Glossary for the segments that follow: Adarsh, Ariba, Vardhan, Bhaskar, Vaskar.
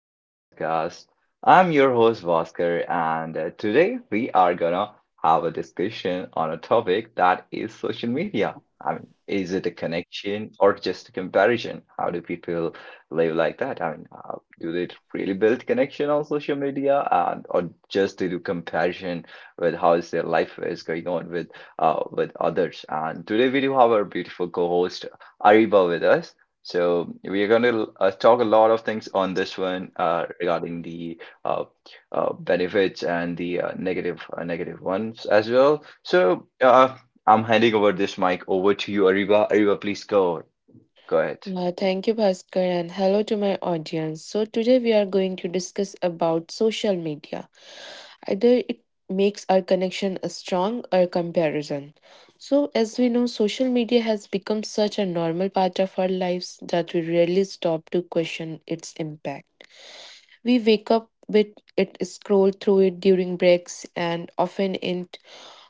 to our podcast. I'm your host, Vaskar, and today we are gonna have a discussion on a topic that is social media. I mean, is it a connection or just a comparison? How do people live like that? I mean, do they really build connection on social media, and or just they do comparison with how is their life is going on with others? And today we do have our beautiful co-host Ariba with us. So we are going to talk a lot of things on this one regarding the uh, benefits and the negative negative ones as well. So I'm handing over this mic over to you, Ariba. Ariba, please go ahead. Thank you, Bhaskar, and hello to my audience. So today we are going to discuss about social media. Either it makes our connection a strong or comparison. So as we know, social media has become such a normal part of our lives that we rarely stop to question its impact. We wake up with it, scroll through it during breaks, and often in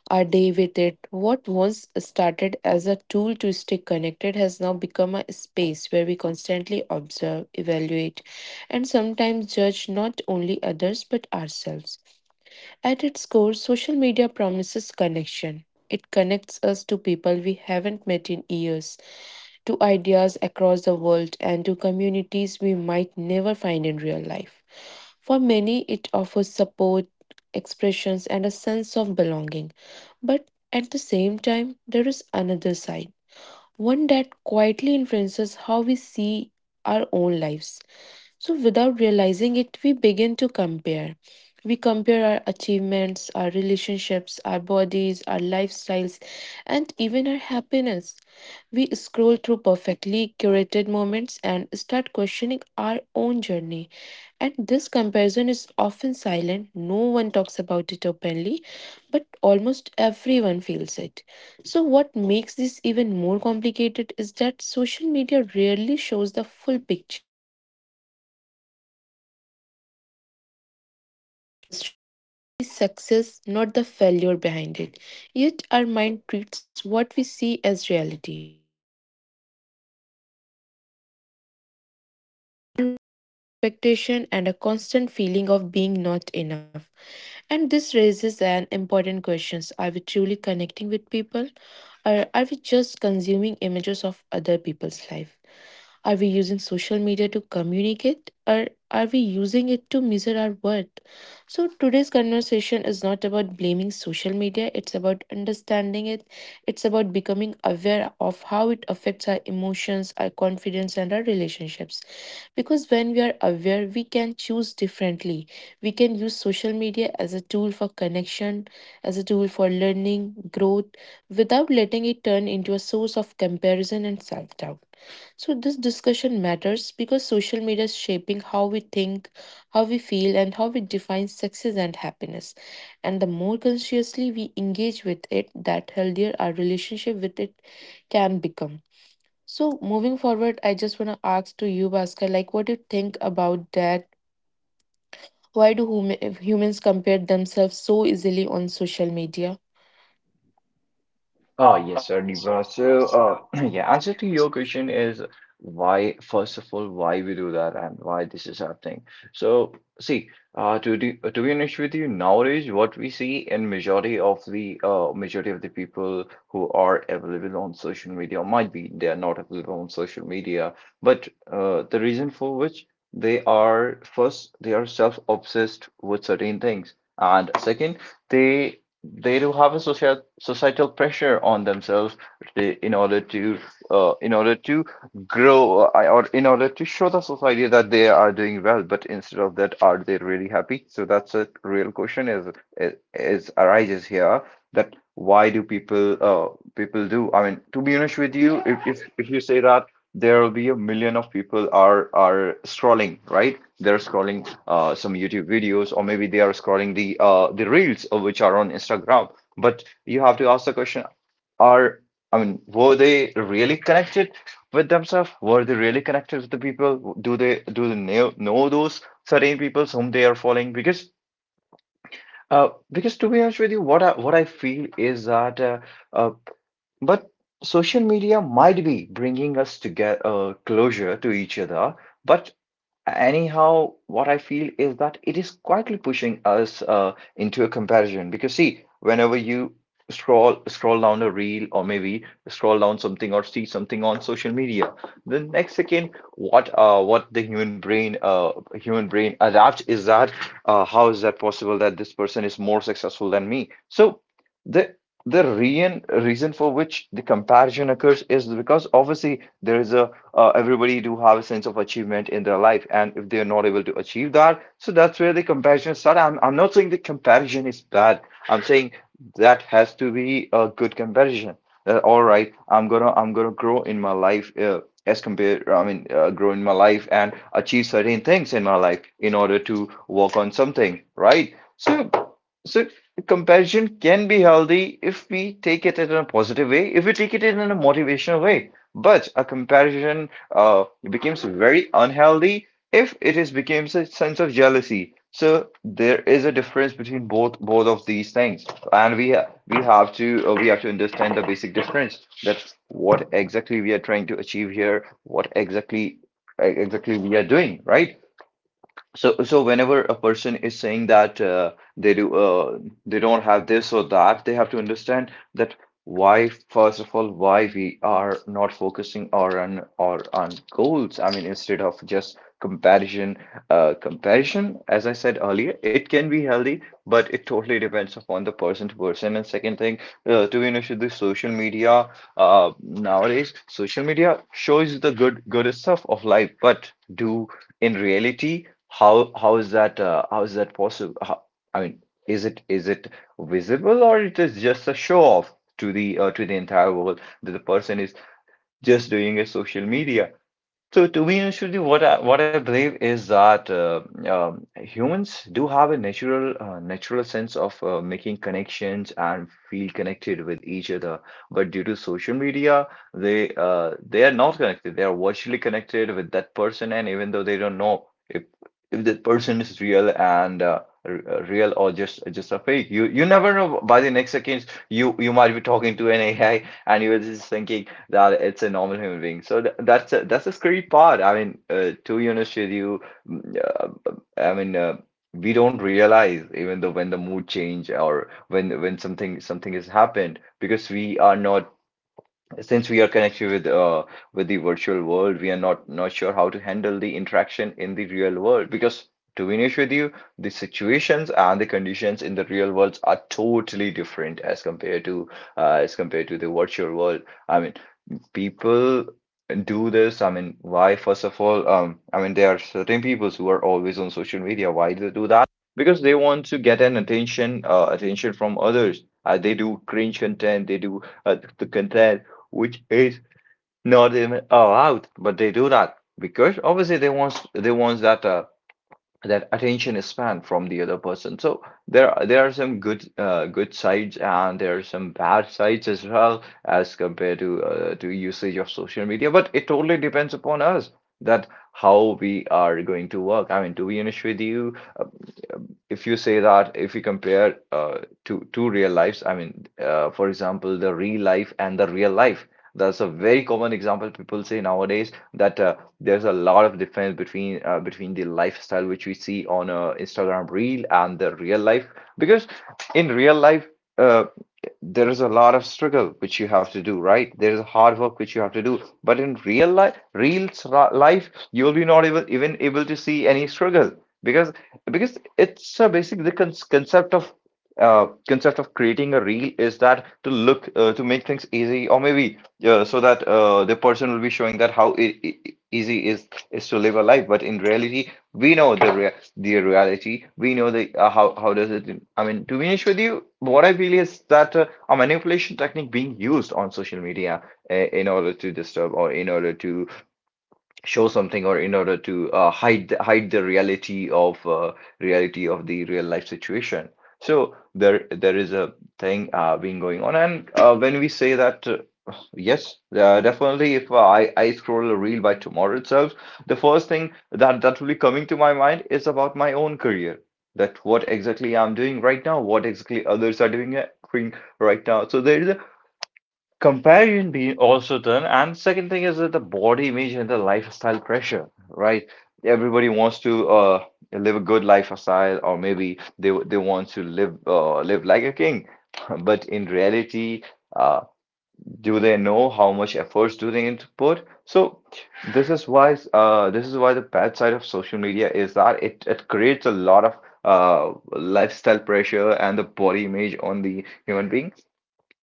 our day with it. What once started as a tool to stay connected has now become a space where we constantly observe, evaluate, and sometimes judge not only others but ourselves. At its core, social media promises connection. It connects us to people we haven't met in years to ideas across the world and to communities we might never find in real life. For many, it offers support, expressions, and a sense of belonging. But at the same time, there is another side, one that quietly influences how we see our own lives. So, without realizing it, we begin to compare. We compare our achievements, our relationships, our bodies, our lifestyles, and even our happiness. We scroll through perfectly curated moments and start questioning our own journey. And this comparison is often silent, no one talks about it openly, but almost everyone feels it. So, what makes this even more complicated is that social media rarely shows the full picture. Not the failure behind it. Yet our mind treats what we see as reality. And a constant feeling of being not enough. And this raises an important questions. Are we truly connecting with people or are we just consuming images of other people's life? Are we using social media to communicate or are we using it to measure our worth? So, today's conversation is not about blaming social media, it's about understanding it. It's about becoming aware of how it affects our emotions, our confidence, and our relationships. Because when we are aware, we can choose differently. We can use social media as a tool for connection, as a tool for learning, growth, without letting it turn into a source of comparison and self doubt. So, this discussion matters because social media is shaping how we think, how we feel, and how we define success and happiness. And the more consciously we engage with it, that healthier our relationship with it can become. So, moving forward, I just want to ask to you, Bhaskar, like what do you think about that? Why do humans compare themselves so easily on social media? Oh, yes, sir, Niva. So, yeah, answer to your question is why, first of all, why we do that and why this is happening. So, see, to be honest with you, nowadays, what we see in majority of the people who are available on social media, or might be they are not available on social media, but the reason for which they are, first, they are self-obsessed with certain things, and second, they they do have a social societal pressure on themselves they in order to grow or in order to show the society that they are doing well, but instead of that, are they really happy? So that's a real question is is arises here that why do people people do. I mean, to be honest with you, if if you say that there will be a million of people are scrolling, right? They're scrolling some YouTube videos, or maybe they are scrolling the reels which are on Instagram. But you have to ask the question, are, I mean, were they really connected with themselves? Were they really connected with the people? Do they know those certain people whom they are following? Because because to be honest with you, what I feel is that uh, but social media might be bringing us together, closure to each other. But anyhow, what I feel is that it is quietly pushing us into a comparison. Because see, whenever you scroll down a reel or maybe scroll down something or see something on social media, the next second, what the human brain adapts is that how is that possible that this person is more successful than me? So. The reason for which the comparison occurs is because obviously there is a everybody do have a sense of achievement in their life, and if they are not able to achieve that, so that's where the comparison starts. I'm not saying the comparison is bad. I'm saying that has to be a good comparison. That all right, I'm gonna grow in my life as compared I mean grow in my life and achieve certain things in my life in order to work on something, right? So comparison can be healthy if we take it in a positive way, if we take it in a motivational way. But a comparison becomes very unhealthy if it is becomes a sense of jealousy. So there is a difference between both of these things, and we have to understand the basic difference that what exactly we are trying to achieve here, what exactly exactly we are doing, right? So, so whenever a person is saying that they do, they don't have this or that, they have to understand that why, first of all, why we are not focusing our on goals. I mean, instead of just comparison, comparison, as I said earlier, it can be healthy, but it totally depends upon the person to person. And second thing, to be honest with you, social media, nowadays, social media shows the good stuff of life, but do in reality. How is that how is that possible? How, I mean, is it visible or it is just a show off to the entire world that the person is just doing a social media? So to me, Anshuli, what I believe is that humans do have a natural natural sense of making connections and feel connected with each other. But due to social media, they are not connected. They are virtually connected with that person, and even though they don't know if that person is real and real or just a fake, you never know. By the next seconds, you might be talking to an AI, and you are just thinking that it's a normal human being. So th that's the scary part. I mean, to be honest with you, mm, I mean, we don't realize even though when the mood change or when something has happened, because we are not, since we are connected with the virtual world, we are not sure how to handle the interaction in the real world because. To be honest with you, the situations and the conditions in the real world are totally different as compared to the virtual world. I mean, people do this? I mean, why, first of all, I mean, there are certain people who are always on social media. Why do they do that? Because they want to get an attention, attention from others. They do cringe content, they do the content which is not even allowed, but they do that because obviously they want that that attention span from the other person. So there are some good good sides, and there are some bad sides as well, as compared to usage of social media. But it totally depends upon us that how we are going to work. I mean, to be honest with you, if you say that if you compare two real lives, I mean, for example, the real life and the real life. That's a very common example people say nowadays, that there's a lot of difference between between the lifestyle which we see on a Instagram reel and the real life, because in real life uh, there is a lot of struggle which you have to do, right? There is hard work which you have to do, but in real life, life, you will be not able even able to see any struggle, because because it's a basic the concept of creating a reel is that to look to make things easy, or maybe so that the person will be showing that how easy is to live a life, but in reality we know the rea the reality, we know the how does it. I mean, to be honest with you, what I feel is that a manipulation technique being used on social media in order to disturb or in order to show something or in order to hide the reality of the real life situation. So there is a thing being going on, and when we say that yes, definitely if I scroll a reel by tomorrow itself, the first thing that will be coming to my mind is about my own career, that what exactly I'm doing right now, what exactly others are doing doing right now. So there is a comparison being also done, and second thing is that the body image and the lifestyle pressure, right? Everybody wants to live a good lifestyle, or maybe they want to live live like a king, but in reality, uh, do they know how much efforts do they need to put? So this is why the bad side of social media is that it creates a lot of lifestyle pressure and the body image on the human being,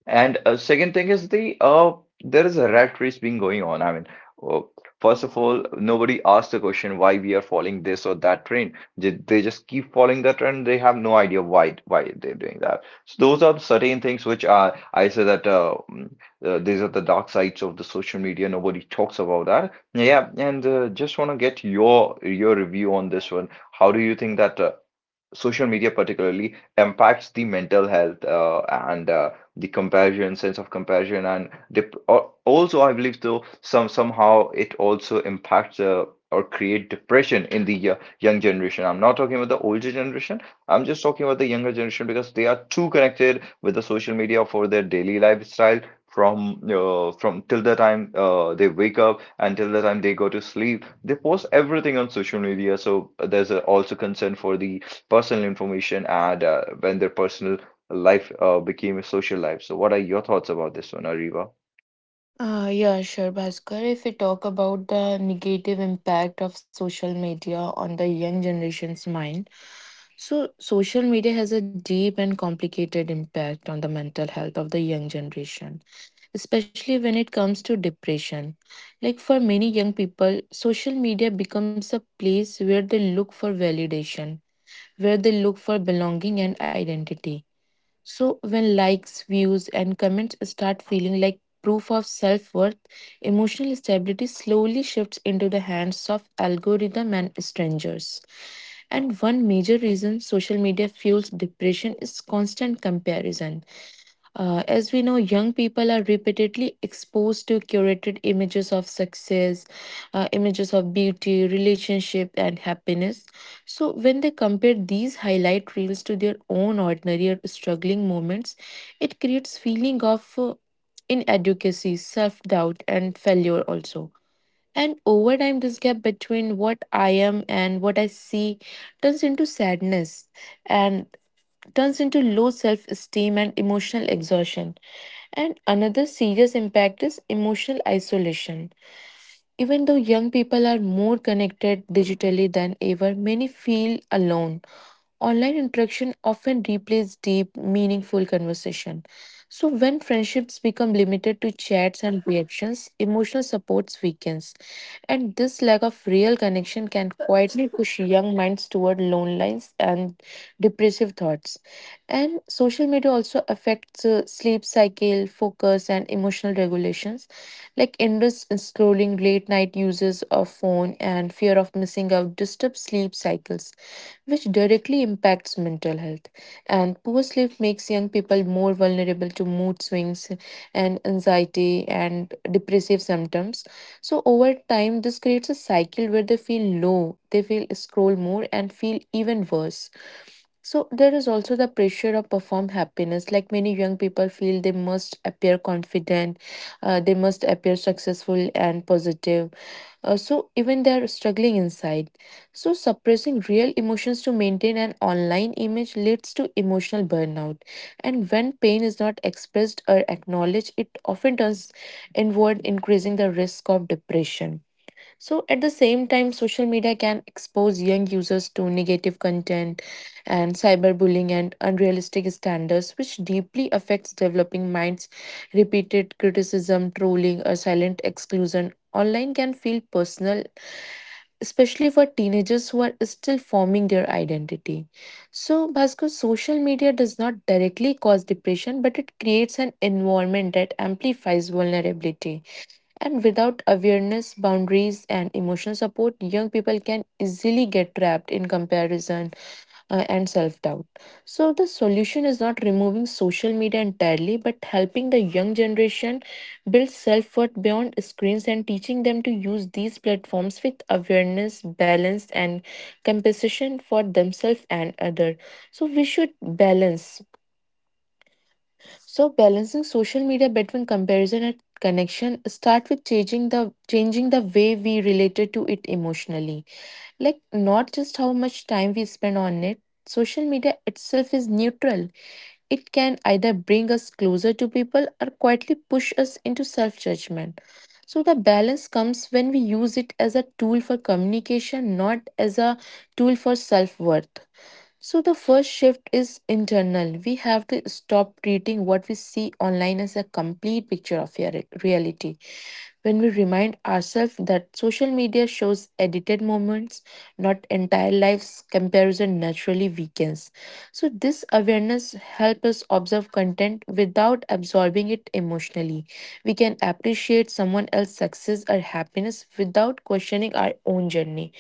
and second thing is the there is a rat race being going on. I mean, uh, first of all, nobody asks the question why we are following this or that trend. They just keep following that trend. They have no idea why they're doing that. So those are certain things which are I say that these are the dark sides of the social media. Nobody talks about that. Yeah, and just want to get your review on this one. How do you think that? Social media particularly impacts the mental health and the comparison, sense of comparison, and also I believe though some somehow it also impacts or create depression in the young generation. I'm not talking about the older generation. I'm just talking about the younger generation because they are too connected with the social media for their daily lifestyle from till the time they wake up until the time they go to sleep. They post everything on social media. So there's a, also concern for the personal information, and when their personal life became a social life. So, what are your thoughts about this one, Ariva? Yeah, sure, Bhaskar. If we talk about the negative impact of social media on the young generation's mind, so social media has a deep and complicated impact on the mental health of the young generation, especially when it comes to depression. Like for many young people, social media becomes a place where they look for validation, where they look for belonging and identity. So, when likes, views, and comments start feeling like proof of self worth, emotional stability slowly shifts into the hands of algorithm and strangers. And one major reason social media fuels depression is constant comparison. As we know, young people are repeatedly exposed to curated images of success, images of beauty, relationship, and happiness. So, when they compare these highlight reels to their own ordinary or struggling moments, it creates feeling of inadequacy, self doubt, and failure also. And over time, this gap between what I am and what I see turns into sadness and turns into low self esteem and emotional exhaustion. And another serious impact is emotional isolation. Even though young people are more connected digitally than ever, many feel alone online interaction often replaces deep, meaningful conversation. So, when friendships become limited to chats and reactions, emotional supports weakens. And this lack of real connection can quietly push young minds toward loneliness and depressive thoughts. And social media also affects sleep cycle, focus, and emotional regulations, like endless scrolling, late night uses of phone, and fear of missing out disturb sleep cycles which directly impacts mental health. And poor sleep makes young people more vulnerable to mood swings and anxiety and depressive symptoms. So, over time, this creates a cycle where they feel low, they feel scroll more, and feel even worse. So, there is also the pressure of perform happiness. Like many young people feel they must appear confident, they must appear successful and positive so even they are struggling inside. So suppressing real emotions to maintain an online image leads to emotional burnout. And when pain is not expressed or acknowledged, it often turns inward, increasing the risk of depression. So, at the same time, social media can expose young users to negative content and cyberbullying and unrealistic standards, which deeply affects developing minds. Repeated criticism, trolling, or silent exclusion online can feel personal, especially for teenagers who are still forming their identity. So, Bhaskar, social media does not directly cause depression, but it creates an environment that amplifies vulnerability. And without awareness, boundaries, and emotional support, young people can easily get trapped in comparison and self doubt. So, the solution is not removing social media entirely, but helping the young generation build self worth beyond screens and teaching them to use these platforms with awareness, balance, and compensation for themselves and others. So, we should balance so balancing social media between comparison and connection start with changing the way we related to it emotionally. Like not just how much time we spend on it. Social media itself is neutral. It can either bring us closer to people or quietly push us into self-judgment. So the balance comes when we use it as a tool for communication, not as a tool for self-worth. So the first shift is internal. We have to stop treating what we see online as a complete picture of reality. When we remind ourselves that social media shows edited moments, not entire lives, comparison naturally weakens. So this awareness helps us observe content without absorbing it emotionally. We can appreciate someone else's success or happiness without questioning our own journey.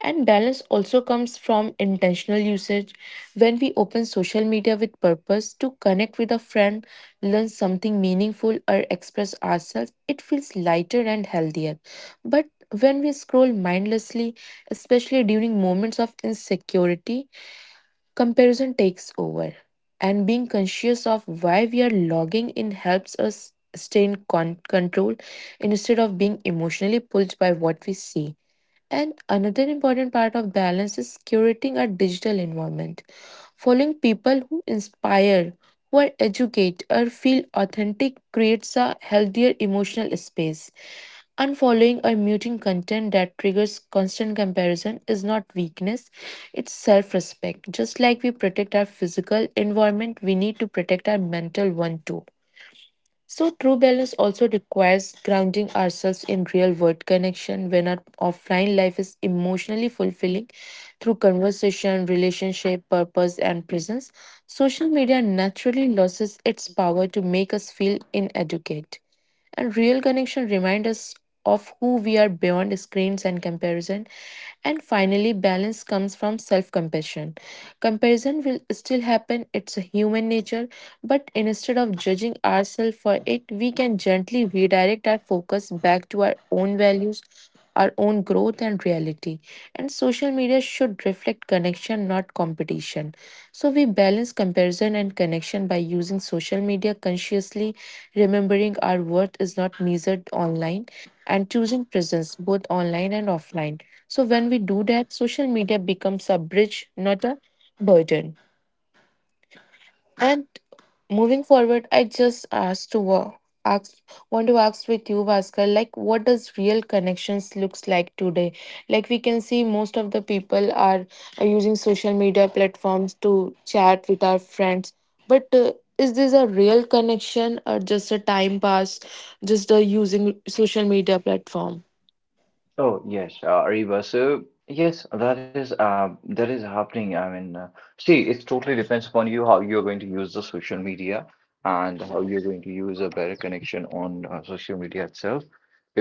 And balance also comes from intentional usage. When we open social media with purpose to connect with a friend, learn something meaningful, or express ourselves, it feels lighter and healthier. But when we scroll mindlessly, especially during moments of insecurity, comparison takes over. And being conscious of why we are logging in helps us stay in control instead of being emotionally pulled by what we see. And another important part of balance is curating our digital environment, following people who inspire, who are educate, or feel authentic creates a healthier emotional space. Unfollowing or muting content that triggers constant comparison is not weakness, it's self respect. Just like we protect our physical environment, we need to protect our mental one too. So, true balance also requires grounding ourselves in real world connection when our offline life is emotionally fulfilling through conversation, relationship, purpose, and presence. Social media naturally loses its power to make us feel inadequate. And real connection reminds us of who we are beyond screens and comparison. And finally, balance comes from self compassion. Comparison will still happen, it's a human nature, but instead of judging ourselves for it, we can gently redirect our focus back to our own values, our own growth, and reality. And social media should reflect connection, not competition. So, we balance comparison and connection by using social media consciously, remembering our worth is not measured online, and choosing presence both online and offline. So when we do that, social media becomes a bridge, not a burden. And moving forward, I just asked to ask want to ask with you, Bhaskar, like what does real connections looks like today? Like we can see most of the people are using social media platforms to chat with our friends, but is this a real connection or just a time pass, just using social media platform? Oh yes, Ariba. So yes, that is happening. I mean, see, it totally depends upon you how you're going to use the social media and how you're going to use a better connection on social media itself.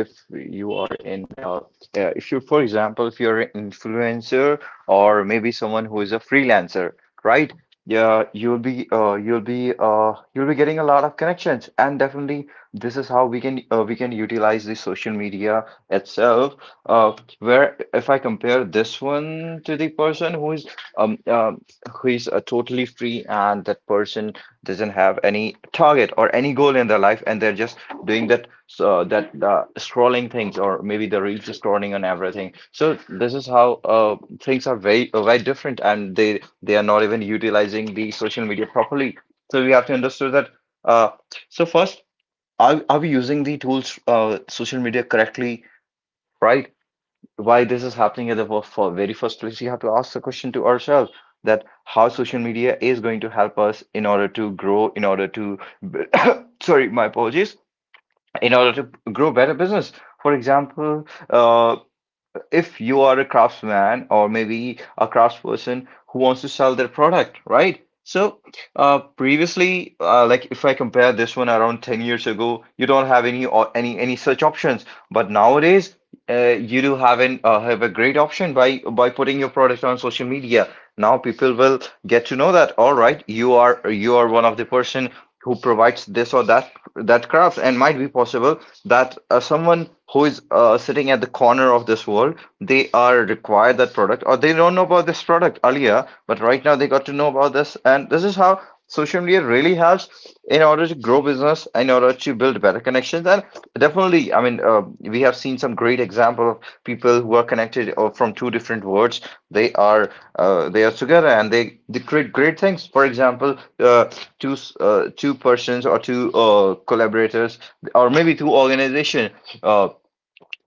If you are in, if you, for example, if you're an influencer or maybe someone who is a freelancer, right? Yeah, you'll be getting a lot of connections, and definitely this is how we can utilize the social media itself where if I compare this one to the person um um who is totally free and that person doesn't have any target or any goal in their life and they're just doing that so that scrolling things or maybe the reels scrolling and everything. So this is how things are very different and they are not even utilizing the social media properly. So we have to understand that uh so first, are we using the tools social media correctly? Right? Why this is happening at the for very first place, you have to ask the question to ourselves that how social media is going to help us in order to grow, in order to, sorry, my apologies, in order to grow better business. For example, if you are a craftsman or maybe a craftsperson who wants to sell their product, right? So, previously, like if I compare this one around 10 years ago, you don't have any or any such options. But nowadays, you do have an have a great option by putting your product on social media. Now people will get to know that, all right, you are one of the person who provides this or that craft, and might be possible that someone who is sitting at the corner of this world, they are required that product or they don't know about this product earlier, but right now they got to know about this, and this is how social media really helps in order to grow business, in order to build better connections. And definitely, I mean, we have seen some great example of people who are connected from two different worlds. They are they are together and they create great things. For example, two persons or two collaborators or maybe two organization. Uh,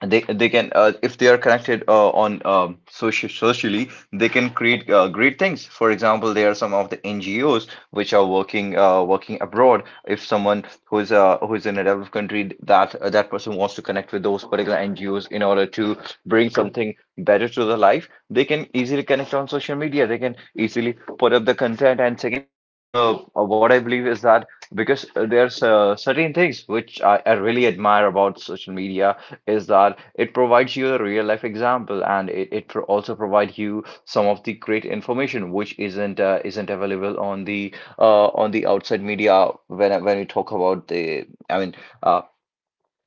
they can if they are connected on social socially they can create great things. For example, there are some of the NGOs which are working working abroad. If someone who's who's in a developed country, that that person wants to connect with those particular NGOs in order to bring something better to the life, they can easily connect on social media. They can easily put up the content. And second thing, what I believe is that because there's certain things which I really admire about social media is that it provides you a real life example, and it pro also provides you some of the great information which isn't available on the outside media. When we talk about the I mean uh,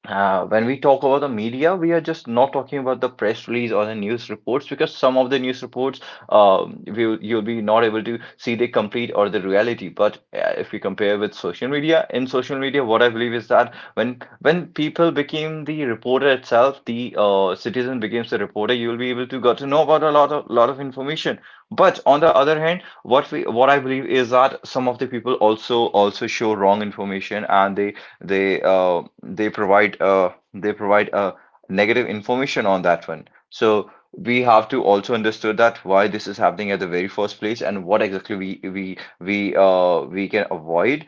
when we talk about the media, we are just not talking about the press release or the news reports because some of the news reports, will you'll be not able to see the complete or the reality. But if we compare with social media, in social media, what I believe is that when people became the reporter itself, the citizen becomes the reporter, you will be able to got to know about a lot of information. But on the other hand, what we what I believe is that some of the people also show wrong information, and they provide a negative information on that one. So we have to also understood that why this is happening at the very first place, and what exactly we can avoid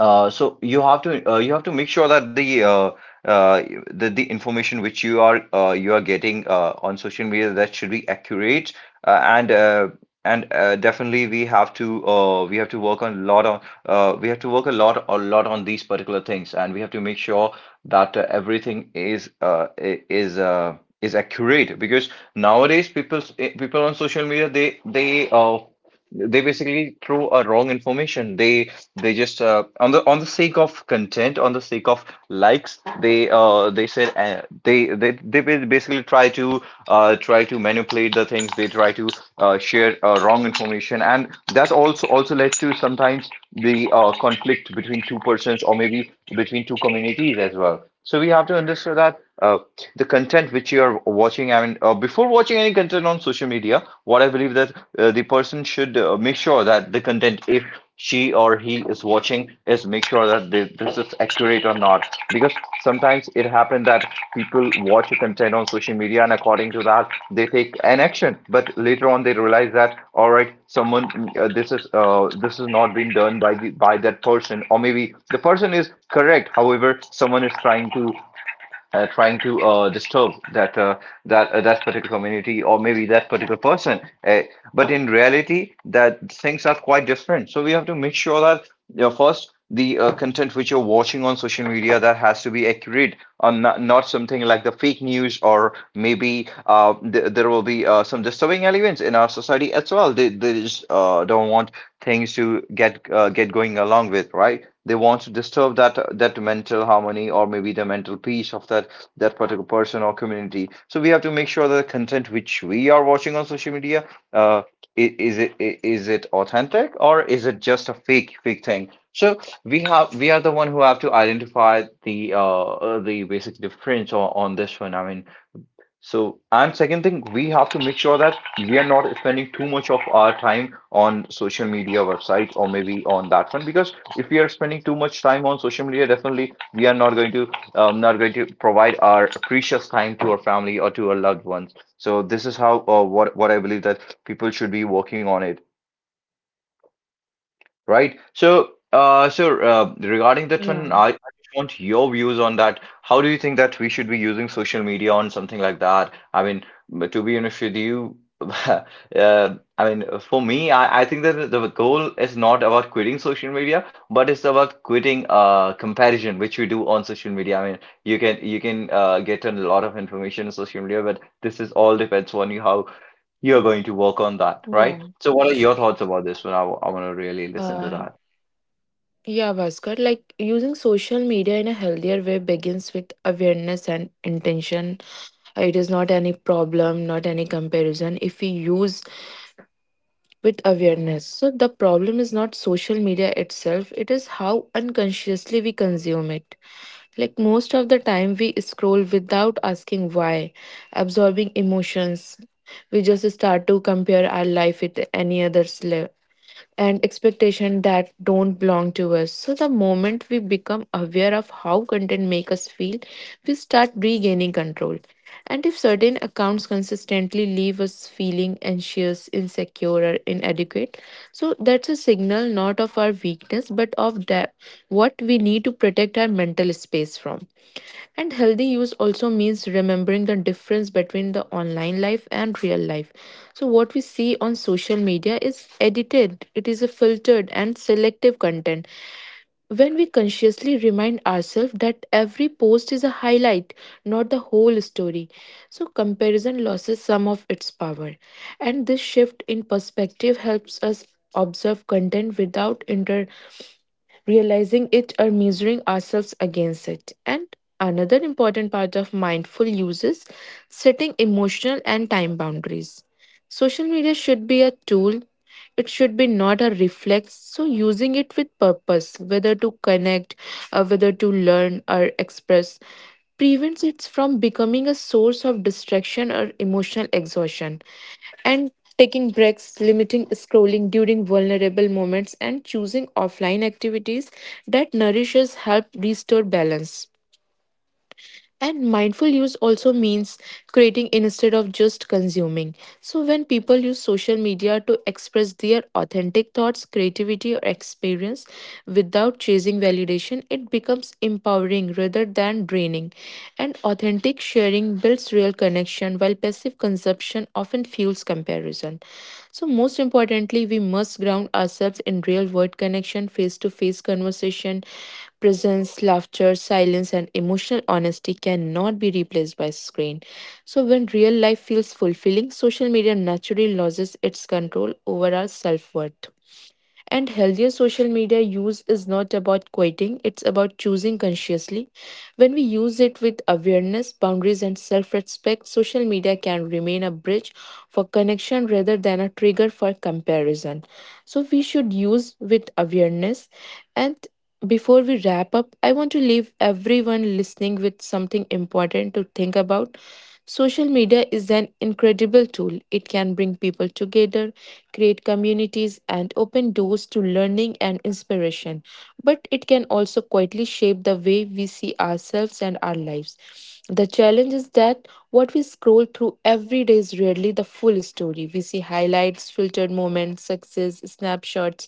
so you have to make sure that the uh, the information which you are getting on social media, that should be accurate, uh, and uh, and definitely we have to work on a lot on we have to work a lot on these particular things, and we have to make sure that everything is is accurate, because nowadays people on social media they basically throw a wrong information. They just on the sake of content, on the sake of likes, they said they ba- basically try to try to manipulate the things. They try to share wrong information, and that also led to sometimes the conflict between two persons or maybe between two communities as well. So we have to understand that the content which you are watching, I mean, before watching any content on social media, what I believe that the person should make sure that the content, if she or he is watching, is make sure that this is accurate or not, because sometimes it happened that people watch your content on social media and according to that they take an action, but later on they realize that all right, someone this is not being done by the, by that person, or maybe the person is correct, however someone is trying to trying to disturb that that particular community or maybe that particular person. Uh, but in reality, that things are quite different. So we have to make sure that you know, first the content which you're watching on social media, that has to be accurate or not, not something like the fake news or maybe there will be some disturbing elements in our society as well. They just don't want things to get going along with, right? They want to disturb that mental harmony or maybe the mental peace of that particular person or community. So we have to make sure that the content which we are watching on social media, uh, is it authentic or is it just a fake thing? So we have we are the one who have to identify the basic difference on this one. I mean, so, and second thing, we have to make sure that we are not spending too much of our time on social media websites or maybe on that one, because if we are spending too much time on social media, definitely we are not going to not going to provide our precious time to our family or to our loved ones. So this is how what I believe that people should be working on it. Right. So, regarding that one, I, Yeah, I just want your views on that. How do you think that we should be using social media on something like that? I mean, to be honest with you, I mean, for me, I think that the goal is not about quitting social media, but it's about quitting comparison, which we do on social media. I mean, you can get a lot of information on social media, but this is all depends on you how you're going to work on that, right? yeah. So, what are your thoughts about this one? I, want to really listen to Uh, that. Yeah, Bhaskar, like using social media in a healthier way begins with awareness and intention. It is not any problem, not any comparison if we use with awareness. So the problem is not social media itself, it is how unconsciously we consume it. Like most of the time, we scroll without asking why, absorbing emotions. We just start to compare our life with any other's life and expectation that don't belong to us. So the moment we become aware of how content make us feel, we start regaining control. And if certain accounts consistently leave us feeling anxious, insecure, or inadequate, so that's a signal not of our weakness but of that what we need to protect our mental space from. And healthy use also means remembering the difference between the online life and real life. So, what we see on social media is edited, it is a filtered and selective content. When we consciously remind ourselves that every post is a highlight, not the whole story, so comparison loses some of its power. And this shift in perspective helps us observe content without inter realizing it or measuring ourselves against it. And another important part of mindful use is setting emotional and time boundaries. Social media should be a tool, it should be not a reflex. So, using it with purpose, whether to connect, or whether to learn or express, prevents it from becoming a source of distraction or emotional exhaustion and taking breaks, limiting scrolling during vulnerable moments, and choosing offline activities that nourishes help restore balance. And mindful use also means creating instead of just consuming. So, when people use social media to express their authentic thoughts, creativity, or experience without chasing validation, it becomes empowering rather than draining. And authentic sharing builds real connection, while passive consumption often fuels comparison. So, most importantly, we must ground ourselves in real world connection, face to face conversation, presence, laughter, silence, and emotional honesty cannot be replaced by screen. So, when real life feels fulfilling, social media naturally loses its control over our self worth. And healthier social media use is not about quitting, it's about choosing consciously. When we use it with awareness, boundaries, and self respect, social media can remain a bridge for connection rather than a trigger for comparison. So we should use with awareness. And before we wrap up, I want to leave everyone listening with something important to think about. Social media is an incredible tool. It can bring people together, create communities, and open doors to learning and inspiration. But it can also quietly shape the way we see ourselves and our lives. The challenge is that what we scroll through every day is rarely the full story. We see highlights, filtered moments, success, snapshots,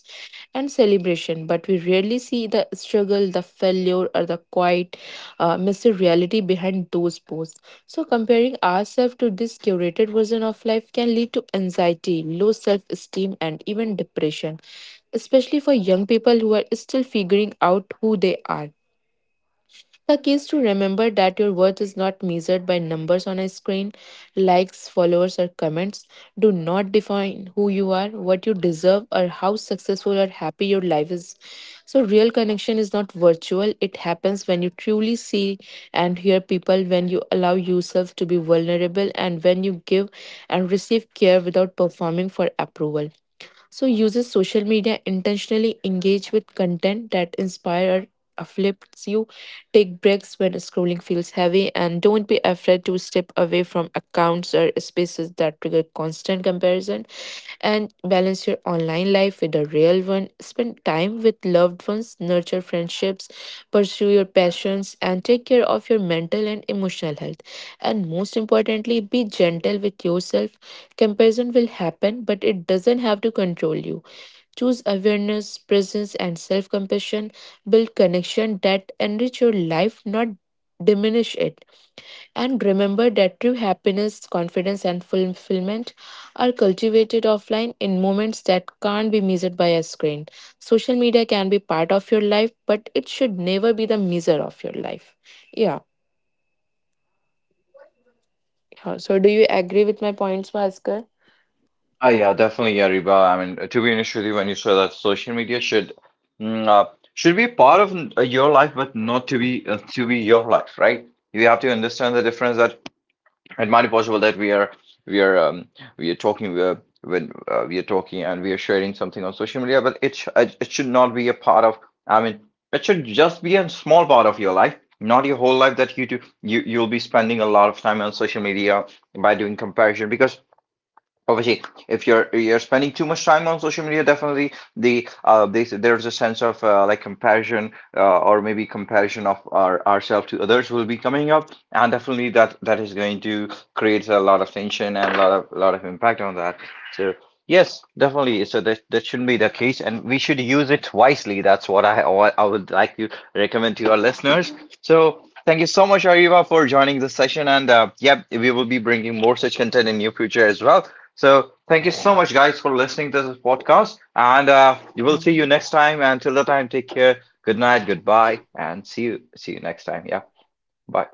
and celebration, but we rarely see the struggle, the failure, or the quiet, messy reality behind those posts. So, comparing ourselves to this curated version of life can lead to anxiety, low self esteem, and even depression, especially for young people who are still figuring out who they are. The key is to remember that your worth is not measured by numbers on a screen, likes, followers, or comments. Do not define who you are, what you deserve, or how successful or happy your life is. So, real connection is not virtual, it happens when you truly see and hear people, when you allow yourself to be vulnerable, and when you give and receive care without performing for approval. So uses social media intentionally engage with content that inspire uplifts you. Take breaks when scrolling feels heavy and don't be afraid to step away from accounts or spaces that trigger constant comparison and balance your online life with the real one. Spend time with loved ones, nurture friendships, pursue your passions, and take care of your mental and emotional health. And most importantly, be gentle with yourself. Comparison will happen, but it doesn't have to control you. Choose awareness, presence, and self compassion. Build connection that enrich your life, not diminish it. And remember that true happiness, confidence, and fulfillment are cultivated offline in moments that can't be measured by a screen. Social media can be part of your life, but it should never be the measure of your life. Yeah. Yeah. So, do you agree with my points, Bhaskar? Ah, yeah, definitely, yeah, Reba. I mean, to be honest with you, when you say that social media should mm, uh, should be part of your life, but not to be to be your life, right? You have to understand the difference that it might be possible that we are we are we are talking we are when we are talking and we are sharing something on social media, but it should not be a part of. I mean, it should just be a small part of your life, not your whole life that you do. You'll be spending a lot of time on social media by doing comparison, because obviously if you're spending too much time on social media, definitely the this, there's a sense of like comparison, or maybe comparison of our ourselves to others will be coming up, and definitely that is going to create a lot of tension and a lot of impact on that. So yes, definitely, so that shouldn't be the case, and we should use it wisely. That's what I would like to recommend to our listeners. So thank you so much, Ariva, for joining this session. And yep, we will be bringing more such content in near future as well. So thank you so much, guys, for listening to this podcast. And we will Yeah. see you next time. Until the time, take care. Good night. Goodbye. And see you. See you next time. Yeah. Bye.